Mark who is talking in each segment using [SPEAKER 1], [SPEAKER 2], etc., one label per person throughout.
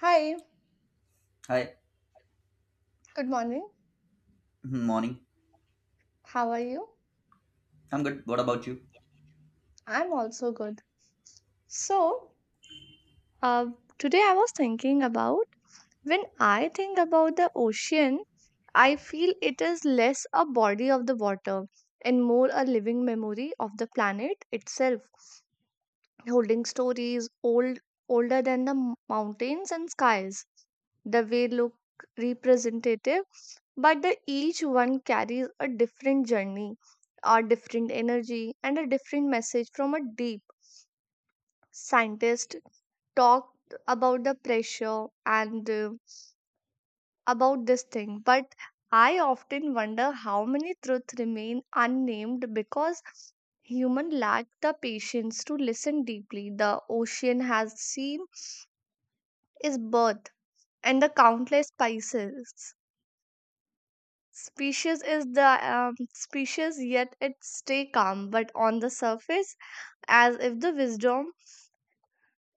[SPEAKER 1] Hi,
[SPEAKER 2] Hi.
[SPEAKER 1] good morning.
[SPEAKER 2] Hmm, morning.
[SPEAKER 1] How are you?
[SPEAKER 2] I'm good. What about you?
[SPEAKER 1] I'm also good. So, uh, today I was thinking about when I think about the ocean, I feel it is less a body of the water and more a living memory of the planet itself, holding stories older than the mountains and skies. The way look representative, but the each one carries a different journey, a different energy, and a different message from a deep. Scientist talked about the pressure and about this thing. But I often wonder how many truths remain unnamed because human lack the patience to listen deeply. The ocean has seen is birth and the countless spices. Species is the species, yet it stay calm, but on the surface, as if the wisdom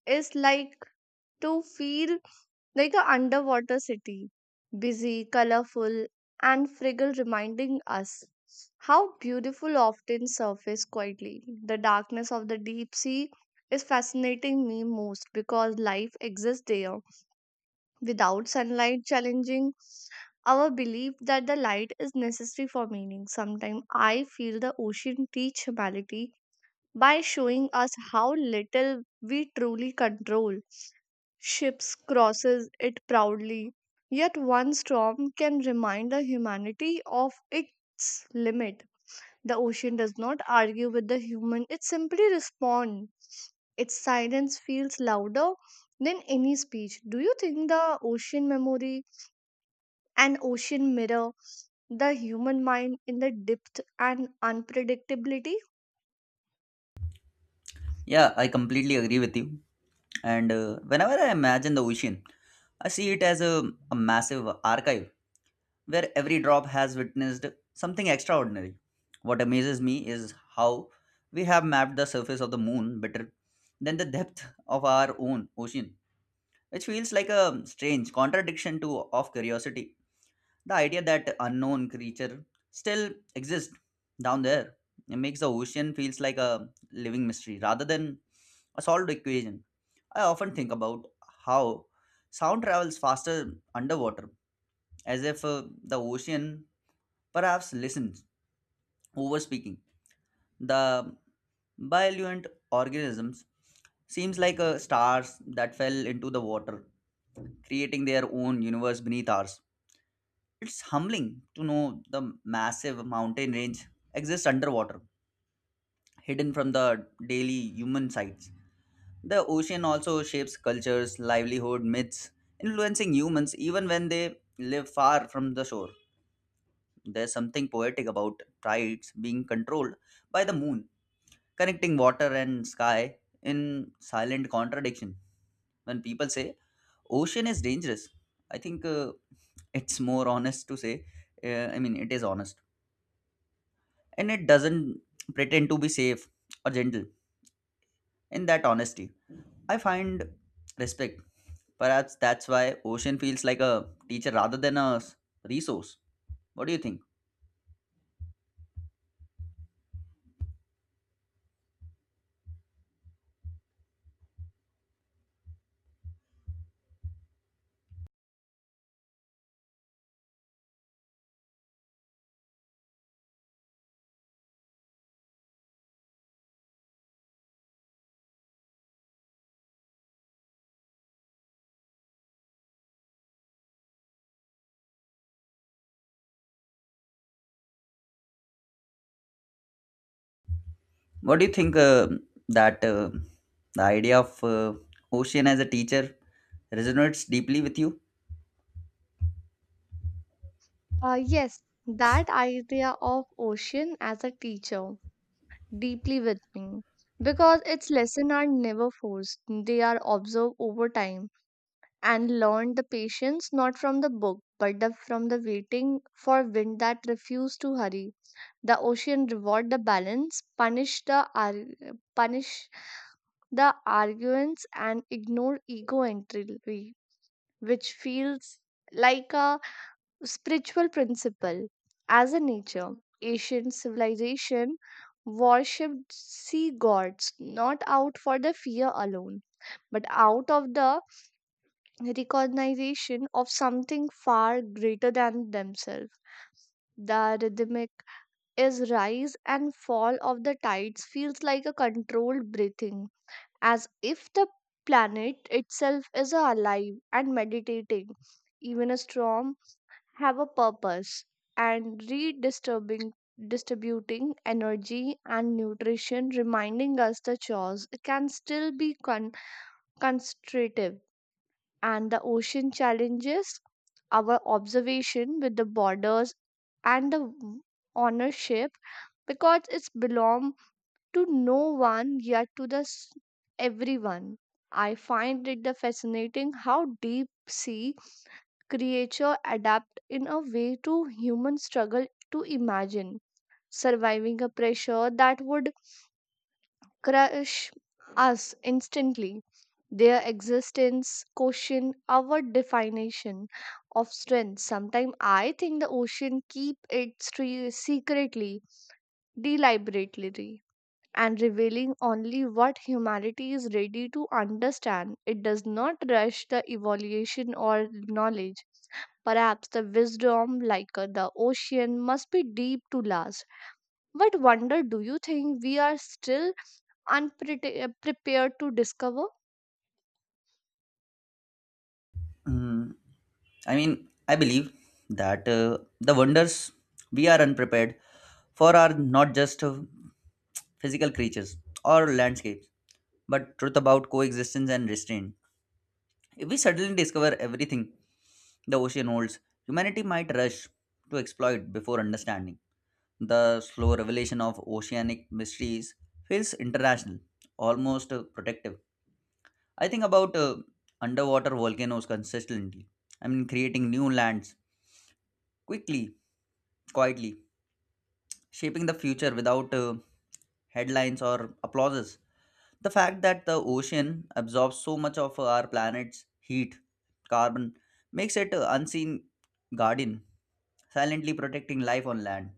[SPEAKER 1] is like to feel like a underwater city, busy, colorful, and fragile, reminding us how beautiful often surface quietly. The darkness of the deep sea is fascinating me most because life exists there without sunlight challenging our belief that the light is necessary for meaning. Sometimes I feel the ocean teach humanity by showing us how little we truly control. Ships crosses it proudly, yet one storm can remind the humanity of its limit. The ocean does not argue with the human, it simply responds. Its silence feels louder than any speech. Do you think the ocean memory and ocean mirror the human mind in the depth and unpredictability?
[SPEAKER 2] Yeah, I completely agree with you. And whenever I imagine the ocean, I see it as a massive archive where every drop has witnessed something extraordinary. What amazes me is how we have mapped the surface of the moon better than the depth of our own ocean, which feels like a strange contradiction to of curiosity. The idea that unknown creature still exist down there, it makes the ocean feels like a living mystery rather than a solved equation. I often think about how sound travels faster underwater, as if the ocean perhaps listens over speaking. The bioluent organisms seems like stars that fell into the water, creating their own universe beneath ours. It's humbling to know the massive mountain range exists underwater, hidden from the daily human sights. The ocean also shapes cultures, livelihood, myths, influencing humans even when they live far from the shore. There's something poetic about tides being controlled by the moon, connecting water and sky in silent contradiction. When people say ocean is dangerous, I think it's more honest to say, I mean, it is honest and it doesn't pretend to be safe or gentle. In that honesty, I find respect. Perhaps that's why Ocean feels like a teacher rather than a resource. What do you think? What do you think that the idea of Ocean as a teacher resonates deeply with you?
[SPEAKER 1] Yes, that idea of ocean as a teacher deeply with me because its lessons are never forced, they are observed over time and learned the patience not from the book but from the waiting for wind that refused to hurry. The ocean reward the balance, punish the arguments, and ignore ego entropy, which feels like a spiritual principle. As a nature, ancient civilization worshipped sea gods not out for the fear alone, but out of the recognition of something far greater than themselves. The rhythmic is rise and fall of the tides feels like a controlled breathing, as if the planet itself is alive and meditating. Even a storm have a purpose and redistributing distributing energy and nutrition, reminding us the chores can still be constructive. And the ocean challenges our observation with the borders and the ownership because it's belong to no one yet to everyone. I find it the fascinating how deep sea creature adapt in a way to human struggle to imagine surviving a pressure that would crush us instantly. Their existence question our definition of strength. Sometimes I think the ocean keep its secretly, deliberately, and revealing only what humanity is ready to understand. It does not rush the evaluation or knowledge. Perhaps the wisdom like the ocean must be deep to last. What wonder do you think we are still unprepared prepared to discover?
[SPEAKER 2] Mm, I mean, I believe that the wonders we are unprepared for are not just physical creatures or landscapes but truth about coexistence and restraint. If we suddenly discover everything the ocean holds, humanity might rush to exploit before understanding. The slow revelation of oceanic mysteries feels international, almost protective. I think about underwater volcanoes consistently. I mean, creating new lands quickly, quietly, shaping the future without headlines or applauses. The fact that the ocean absorbs so much of our planet's heat, carbon, makes it an unseen guardian, silently protecting life on land.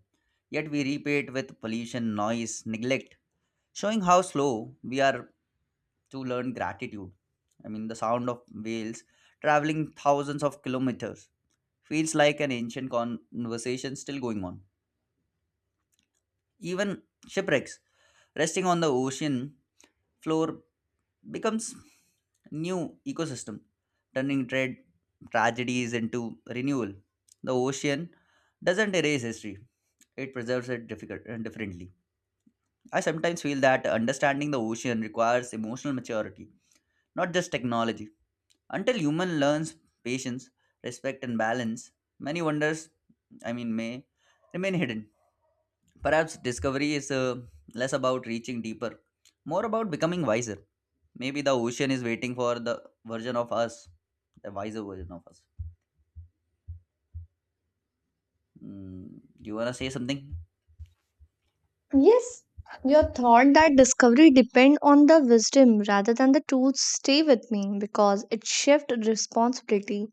[SPEAKER 2] Yet we repay it with pollution, noise, neglect, showing how slow we are to learn gratitude. I mean, the sound of whales traveling thousands of kilometers feels like an ancient conversation still going on. Even shipwrecks resting on the ocean floor becomes new ecosystem, turning trade tragedies into renewal. The ocean doesn't erase history; it preserves it differently. I sometimes feel that understanding the ocean requires emotional maturity, not just technology. Until human learns patience, respect, and balance, many wonders, I mean, may remain hidden. Perhaps discovery is less about reaching deeper, more about becoming wiser. Maybe the ocean is waiting for the version of us, the wiser version of us. Mm, you wanna say something?
[SPEAKER 1] Yes, your thought that discovery depend on the wisdom rather than the tools stay with me because it shift responsibility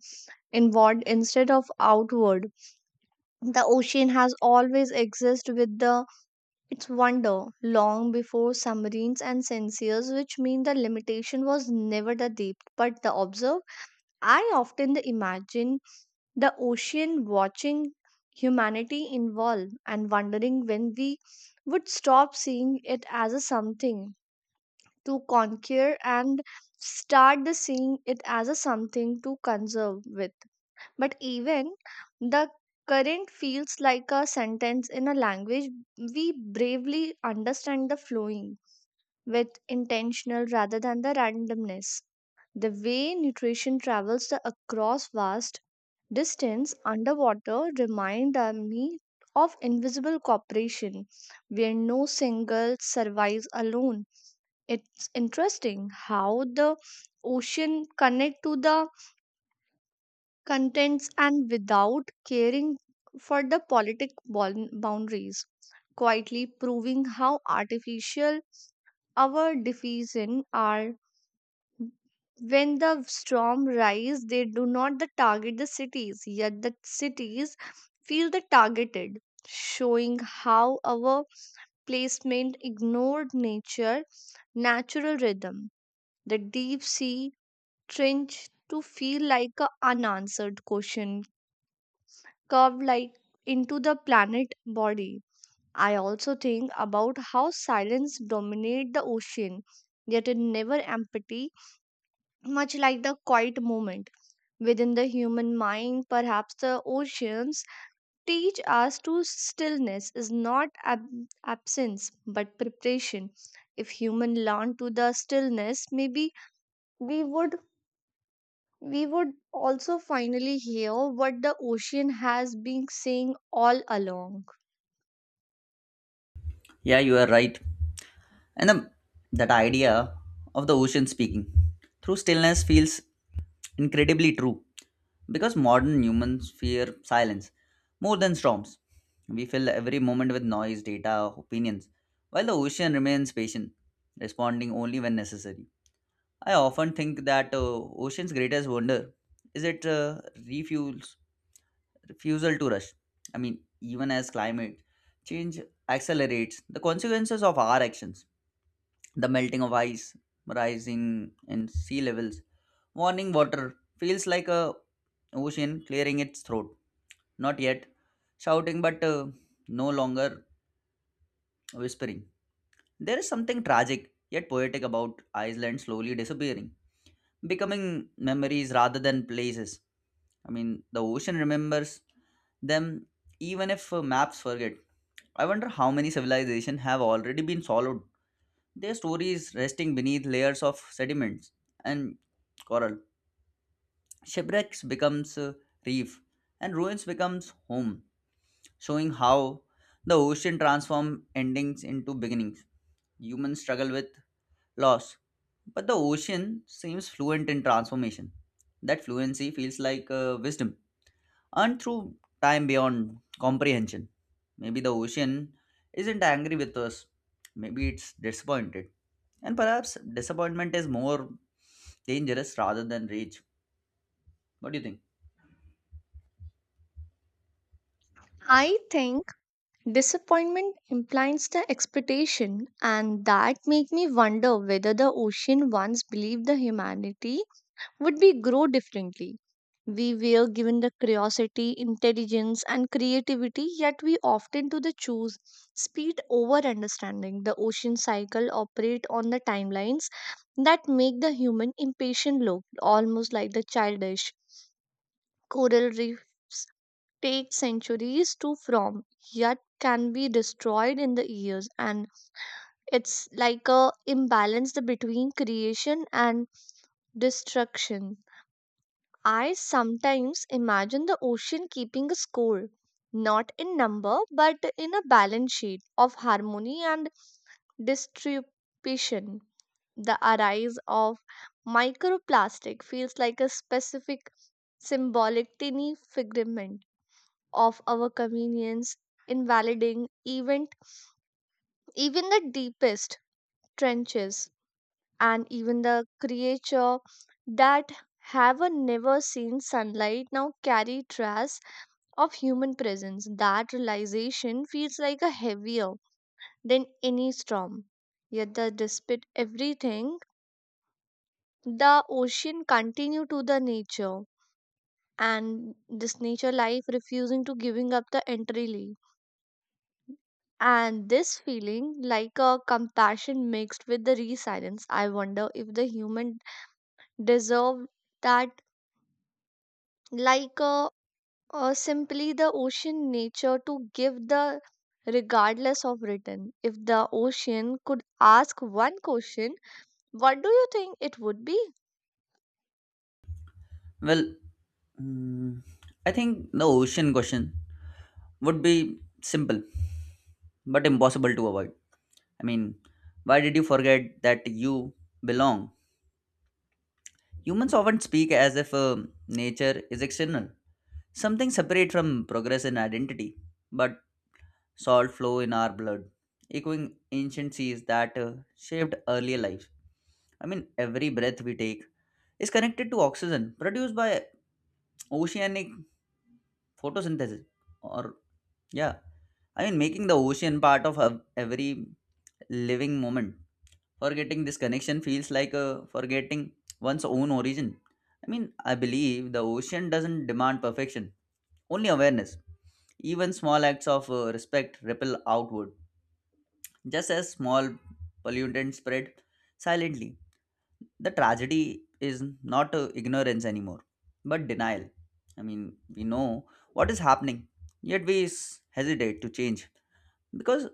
[SPEAKER 1] inward instead of outward. The ocean has always existed with the its wonder long before submarines and sensors, which mean the limitation was never the depth but the observe. I often imagine the ocean watching humanity evolve and wondering when we would stop seeing it as a something to conquer and start the seeing it as a something to conserve with. But even the current feels like a sentence in a language we bravely understand, the flowing with intentional rather than the randomness. The way nutrition travels the across vast Distance underwater remind me of invisible cooperation where no single survives alone. It's interesting how the ocean connect to the contents and without caring for the politic boundaries, quietly proving how artificial our definitions are. When the storm rise, they do not the target the cities, yet the cities feel the targeted, showing how our placement ignored nature natural rhythm. The deep sea trench to feel like a unanswered question, curved like into the planet body. I also think about how silence dominate the ocean, yet it never empty, much like the quiet moment within the human mind. Perhaps the oceans, teach us to stillness is not absence but preparation. If human learn to the stillness, maybe we would we would also finally hear what the ocean has been saying all along.
[SPEAKER 2] Yeah, you are right. And the, that idea of the ocean speaking through stillness feels incredibly true because modern humans fear silence more than storms. We fill every moment with noise, data, opinions, while the ocean remains patient, responding only when necessary. I often think that ocean's greatest wonder is it refuels refusal to rush. I mean, even as climate change accelerates, the consequences of our actions, the melting of ice, rising in sea levels, warning water feels like a ocean clearing its throat, not yet shouting but no longer whispering. There is something tragic yet poetic about Iceland slowly disappearing, becoming memories rather than places. I mean, the ocean remembers them even if maps forget. I wonder how many civilizations have already been swallowed, their stories resting beneath layers of sediments and coral. Shipwrecks becomes a reef and ruins becomes home, showing how the ocean transforms endings into beginnings. Humans struggle with loss, but the ocean seems fluent in transformation. That fluency feels like wisdom and through time beyond comprehension. Maybe the ocean isn't angry with us, maybe it's disappointed. And perhaps disappointment is more dangerous rather than rage. What do you think?
[SPEAKER 1] I think disappointment implies the expectation, and that make me wonder whether the ocean once believed the humanity would we grow differently? We were given the curiosity, intelligence, and creativity, yet we often do the choose speed over understanding. The ocean cycle operate on the timelines that make the human impatient look almost like the childish. Coral reefs take centuries to form, yet can be destroyed in the years, and it's like a imbalance between creation and destruction. I sometimes imagine the ocean keeping a score, not in number but in a balance sheet of harmony and distribution. The arise of microplastic feels like a specific symbolic tiny figment of our convenience, invalidating event, even the deepest trenches, and even the creature that have a never seen sunlight now carry trash of human presence. That realization feels like a heavier than any storm. Yet, despite everything, the ocean continued to the nature and this nature life refusing to giving up the entirely. And this feeling like a compassion mixed with the resilience. I wonder if the human deserve that like a or simply the ocean nature to give the regardless of return. If the ocean could ask one question, what do you think it would be?
[SPEAKER 2] Well, mm, I think the ocean question would be simple but impossible to avoid. I mean, why did you forget that you belong? Humans often speak as if nature is external, something separate from progress and identity. But salt flow in our blood, echoing ancient seas that shaped earlier lives. I mean, every breath we take is connected to oxygen produced by oceanic photosynthesis, or yeah, I mean, making the ocean part of every living moment. Forgetting this connection feels like forgetting one's own origin. I mean, I believe the ocean doesn't demand perfection, only awareness. Even small acts of respect ripple outward just as small pollutants spread silently. The tragedy is not ignorance anymore, but denial. I mean, we know what is happening, yet we hesitate to change because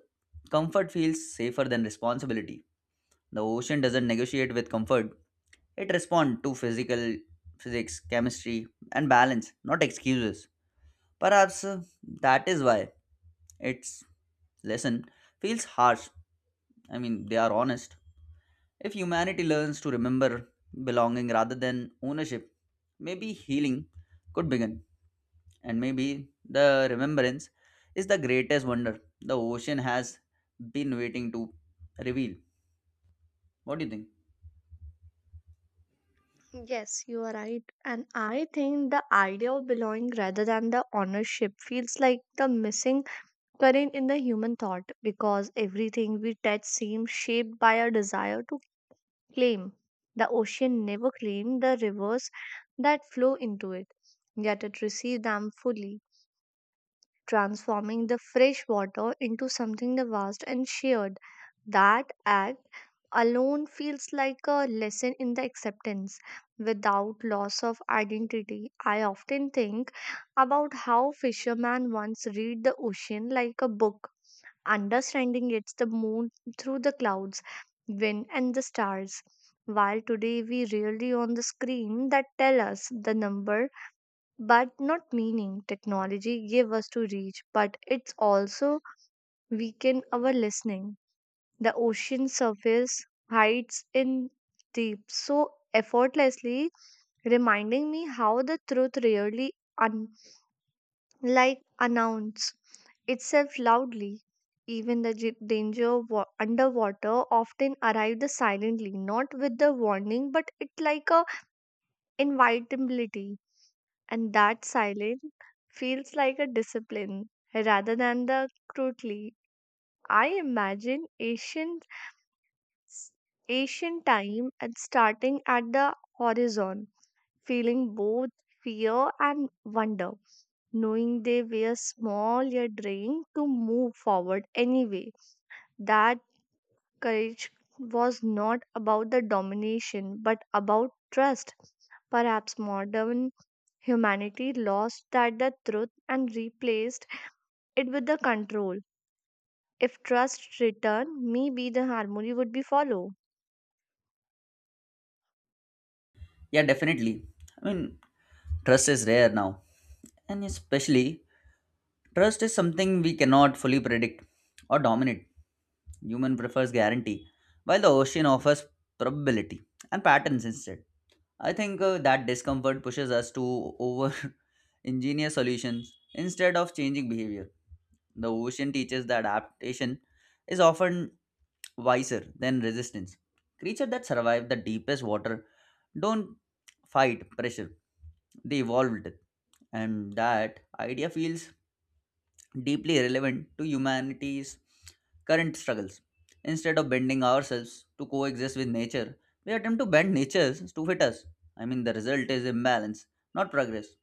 [SPEAKER 2] comfort feels safer than responsibility. The ocean doesn't negotiate with comfort, it responds to physical physics, chemistry, and balance, not excuses. Perhaps that is why its lesson feels harsh. I mean, they are honest. If humanity learns to remember belonging rather than ownership, maybe healing could begin. And maybe the remembrance is the greatest wonder the ocean has been waiting to reveal. What do you think?
[SPEAKER 1] Yes, you are right. And I think the idea of belonging rather than the ownership feels like the missing current in the human thought because everything we touch seems shaped by a desire to claim. The ocean never claimed the rivers that flow into it, yet it received them fully, transforming the fresh water into something vast and shared. That act alone feels like a lesson in the acceptance without loss of identity. I often think about how fishermen once read the ocean like a book, understanding it's the moon through the clouds, wind, and the stars. While today we rarely on the screen that tell us the number but not meaning. Technology gave us to reach, but it's also weakened our listening. The ocean surface hides in deep so effortlessly, reminding me how the truth rarely unlike announce itself loudly. Even the danger underwater often arrives silently, not with the warning, but it like a invitability. And that silence feels like a discipline rather than the crudely. I imagine s- ancient time and starting at the horizon, feeling both fear and wonder, knowing they were small yet daring to move forward anyway. That courage was not about the domination but about trust. Perhaps modern humanity lost that the truth and replaced it with the control. If trust return, maybe the harmony would be follow.
[SPEAKER 2] Yeah, definitely. I mean, trust is rare now. And especially, trust is something we cannot fully predict or dominate. Human prefers guarantee, while the ocean offers probability and patterns instead. I think that discomfort pushes us to over engineer solutions instead of changing behavior. The ocean teaches that adaptation is often wiser than resistance. Creatures that survive the deepest water don't fight pressure, they evolved and that idea feels deeply relevant to humanity's current struggles. Instead of bending ourselves to coexist with nature, we attempt to bend nature to fit us. I mean, the result is imbalance, not progress.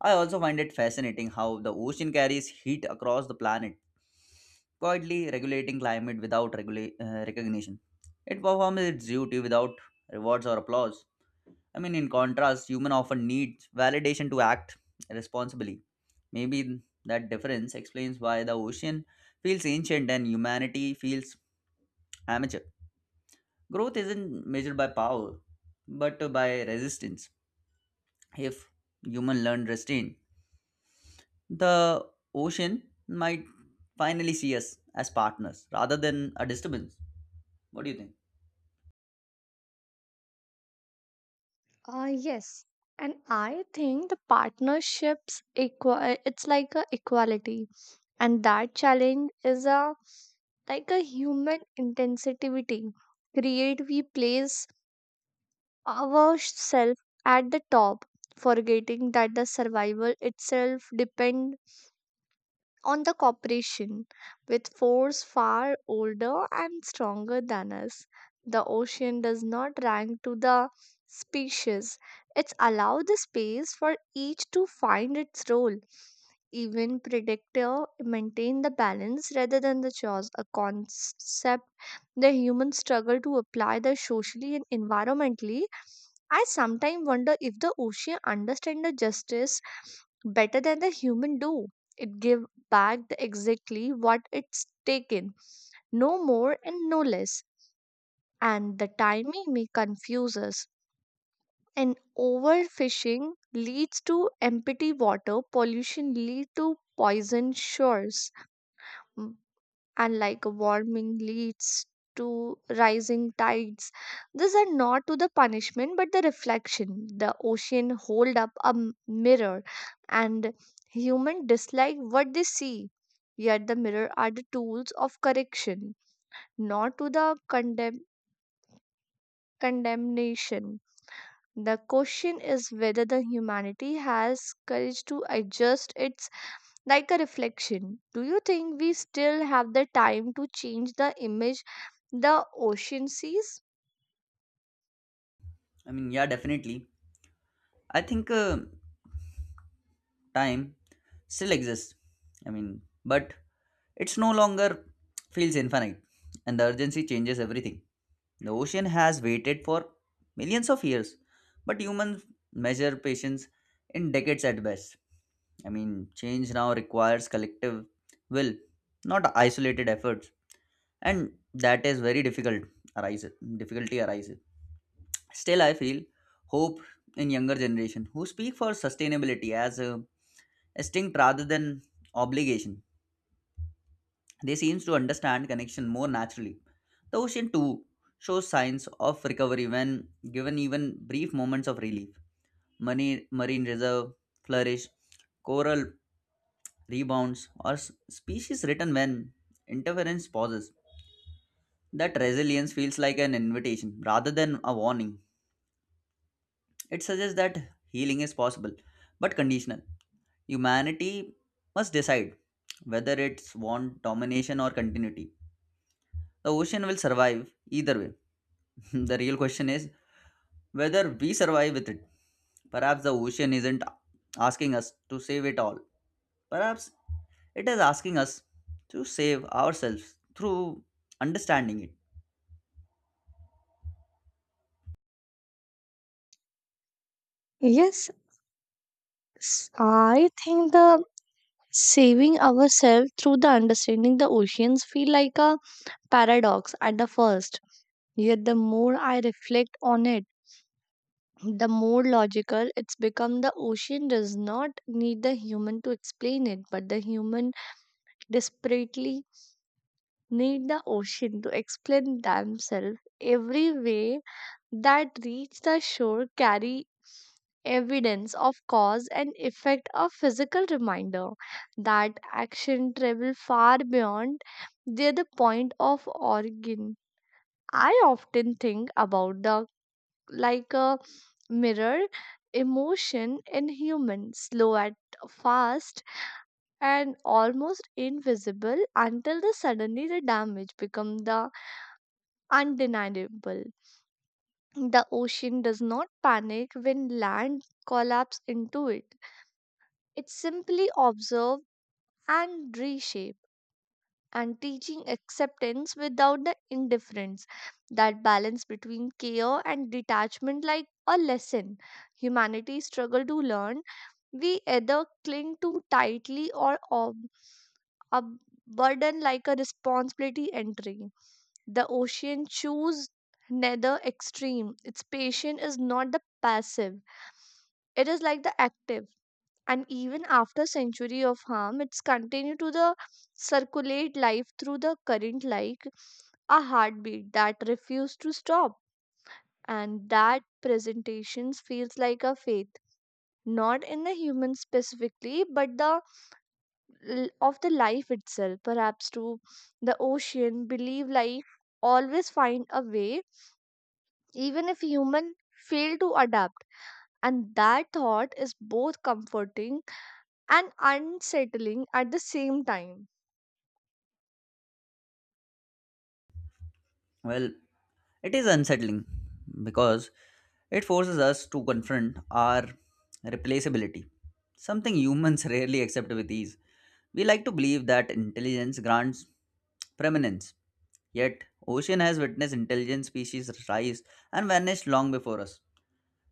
[SPEAKER 2] I also find it fascinating how the ocean carries heat across the planet, quietly regulating climate without recognition. It performs its duty without rewards or applause. I mean, in contrast, human often needs validation to act responsibly. Maybe that difference explains why the ocean feels ancient and humanity feels amateur. Growth isn't measured by power, but by resistance. If human learn restraint, the ocean might finally see us as partners rather than a disturbance. What do you think?
[SPEAKER 1] Yes. And I think the partnerships equal it's like a equality, and that challenge is a like a human intensity create we place ourselves at the top, forgetting that the survival itself depend on the cooperation with force far older and stronger than us. The ocean does not rank to the species. It's allowed the space for each to find its role. Even predictor maintain the balance rather than the chaos, a concept the humans struggle to apply the socially and environmentally. I sometimes wonder if the ocean understand the justice better than the human do. It give back the exactly what it's taken, no more and no less. And the timing may confuse us. And overfishing leads to empty water, pollution lead to poison shores. Mm, and like warming leads to rising tides, these are not to the punishment but the reflection. The ocean hold up a mirror, and human dislike what they see, yet the mirror are the tools of correction, not to the condemn condemnation. The question is whether the humanity has courage to adjust its like a reflection. Do you think we still have the time to change the image the ocean sees?
[SPEAKER 2] I mean, yeah, definitely. I think time still exists. I mean, but it's no longer feels infinite, and the urgency changes everything. The ocean has waited for millions of years, but humans measure patience in decades at best. I mean, change now requires collective will, not isolated efforts, and that is very difficult. Arises difficulty arises. Still, I feel hope in younger generation who speak for sustainability as a instinct rather than obligation. They seems to understand connection more naturally. The ocean too shows signs of recovery when given even brief moments of relief. Marine reserve flourish, coral rebounds, or species return when interference pauses. That resilience feels like an invitation rather than a warning. It suggests that healing is possible, but conditional. Humanity must decide whether it's want domination or continuity. The ocean will survive either way. The real question is whether we survive with it. Perhaps the ocean isn't asking us to save it all. Perhaps it is asking us to save ourselves through understanding it.
[SPEAKER 1] Yes, I think the saving ourselves through the understanding the oceans feel like a paradox at the first. Yet the more I reflect on it, the more logical it's become. The ocean does not need the human to explain it, but the human desperately need the ocean to explain themselves. Every way that reach the shore carry evidence of cause and effect, a physical reminder that action travel far beyond the point of origin. I often think about the like a mirror emotion in humans, slow at fast and almost invisible until the suddenly the damage become the undeniable. The ocean does not panic when land collapses into it. It simply observes and reshapes and teaching acceptance without the indifference. That balance between care and detachment like a lesson. Humanity struggle to learn. We either cling too tightly or a burden like a responsibility entry. The ocean choose neither extreme. Its patient is not the passive. It is like the active. And even after century of harm, it's continue to the circulate life through the current like a heartbeat that refuse to stop. And that presentations feels like a faith, not in the human specifically, but of the life itself. Perhaps to the ocean believe life always find a way, even if human fail to adapt, and that thought is both comforting and unsettling at the same time.
[SPEAKER 2] Well, it is unsettling because it forces us to confront our replaceability, something humans rarely accept with ease. We like to believe that intelligence grants preeminence. Yet, ocean has witnessed intelligent species rise and vanish long before us.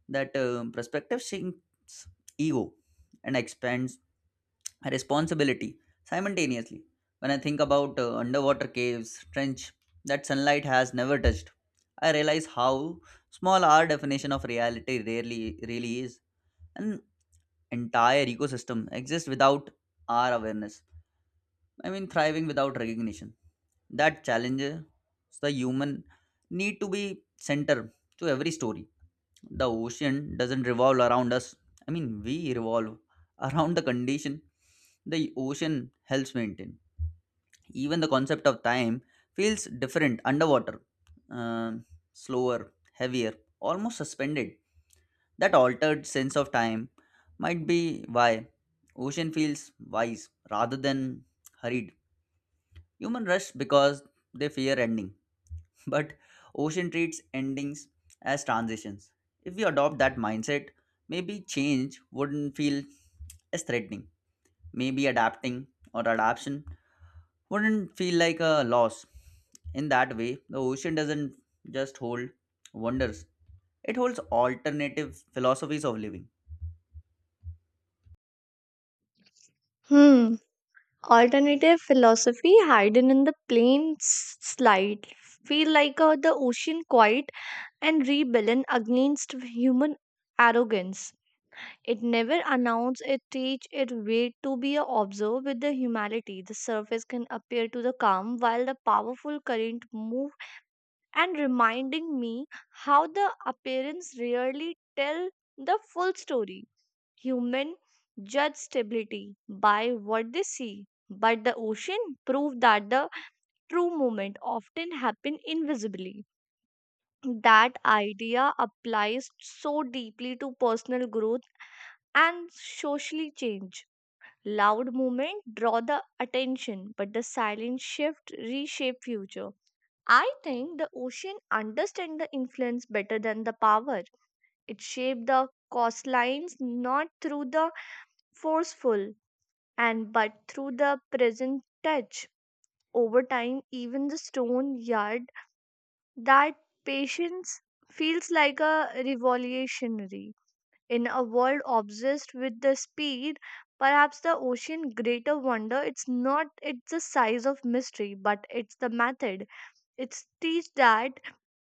[SPEAKER 2] That perspective shrinks ego and expands responsibility simultaneously. When I think about underwater caves, trench that sunlight has never touched, I realize how small our definition of reality rarely really is. An entire ecosystem exists without our awareness. I mean, thriving without recognition. That challenges the human need to be center to every story. The ocean doesn't revolve around us, I mean we revolve around the condition the ocean helps maintain. Even the concept of time feels different underwater, um, slower, heavier, almost suspended. That altered sense of time might be why ocean feels wise rather than hurried. Human rush because they fear ending, but ocean treats endings as transitions. If we adopt that mindset, maybe change wouldn't feel as threatening. Maybe adapting or adaption wouldn't feel like a loss. In that way, the ocean doesn't just hold wonders, it holds alternative philosophies of living.
[SPEAKER 1] Hmm. Alternative philosophy hidden in the plain slide feel like the ocean quiet and rebellion against human arrogance. It never announces it teach it way to be a observer with the humanity. The surface can appear to the calm while the powerful current move, and reminding me how the appearance rarely tell the full story. Human judge stability by what they see, but the ocean proved that the true moment often happen invisibly. That idea applies so deeply to personal growth and socially change. Loud movement draw the attention, but the silent shift reshape future. I think the ocean understand the influence better than the power. It shaped the coastlines not through the forceful and but through the present touch. Over time, even the stone yard that patience feels like a revolutionary. In a world obsessed with the speed, perhaps the ocean greater wonder it's not it's the size of mystery, but it's the method. It's teach that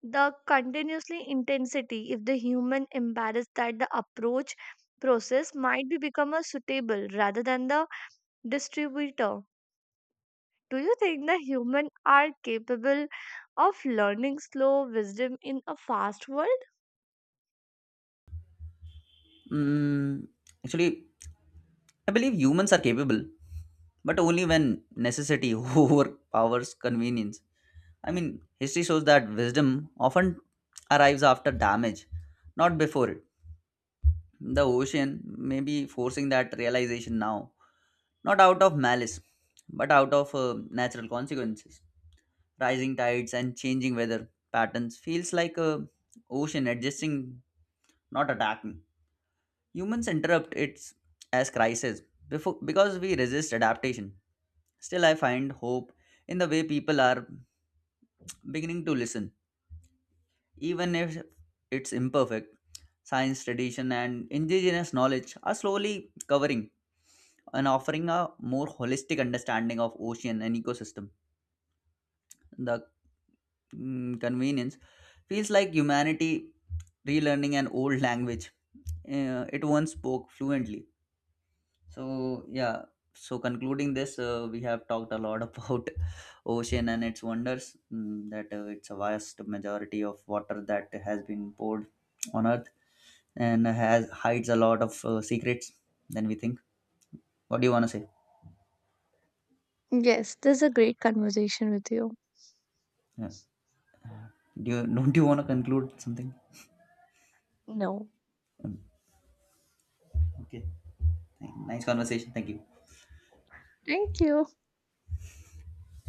[SPEAKER 1] the continuously intensity if the human embarrass that the approach process might be become a suitable rather than the distributor. Do you think the human are capable of learning slow wisdom in a fast world?
[SPEAKER 2] Mm, actually, I believe humans are capable, but only when necessity overpowers convenience. I mean, history shows that wisdom often arrives after damage, not before it. The ocean may be forcing that realization now, not out of malice, but out of natural consequences. Rising tides and changing weather patterns feels like a ocean adjusting, not attacking. Humans interrupt it as crisis before, because we resist adaptation. Still, I find hope in the way people are beginning to listen. Even if it's imperfect, science, tradition, and indigenous knowledge are slowly covering and offering a more holistic understanding of ocean and ecosystem. The convenience feels like humanity relearning an old language it once spoke fluently. So yeah, so concluding this we have talked a lot about ocean and its wonders, that it's a vast majority of water that has been poured on earth and has hides a lot of secrets than we think. What do you want to say?
[SPEAKER 1] Yes, this is a great conversation with you.
[SPEAKER 2] Uh, do you don't you want to conclude something?
[SPEAKER 1] No.
[SPEAKER 2] Um, okay, nice conversation. Thank you.
[SPEAKER 1] Thank you.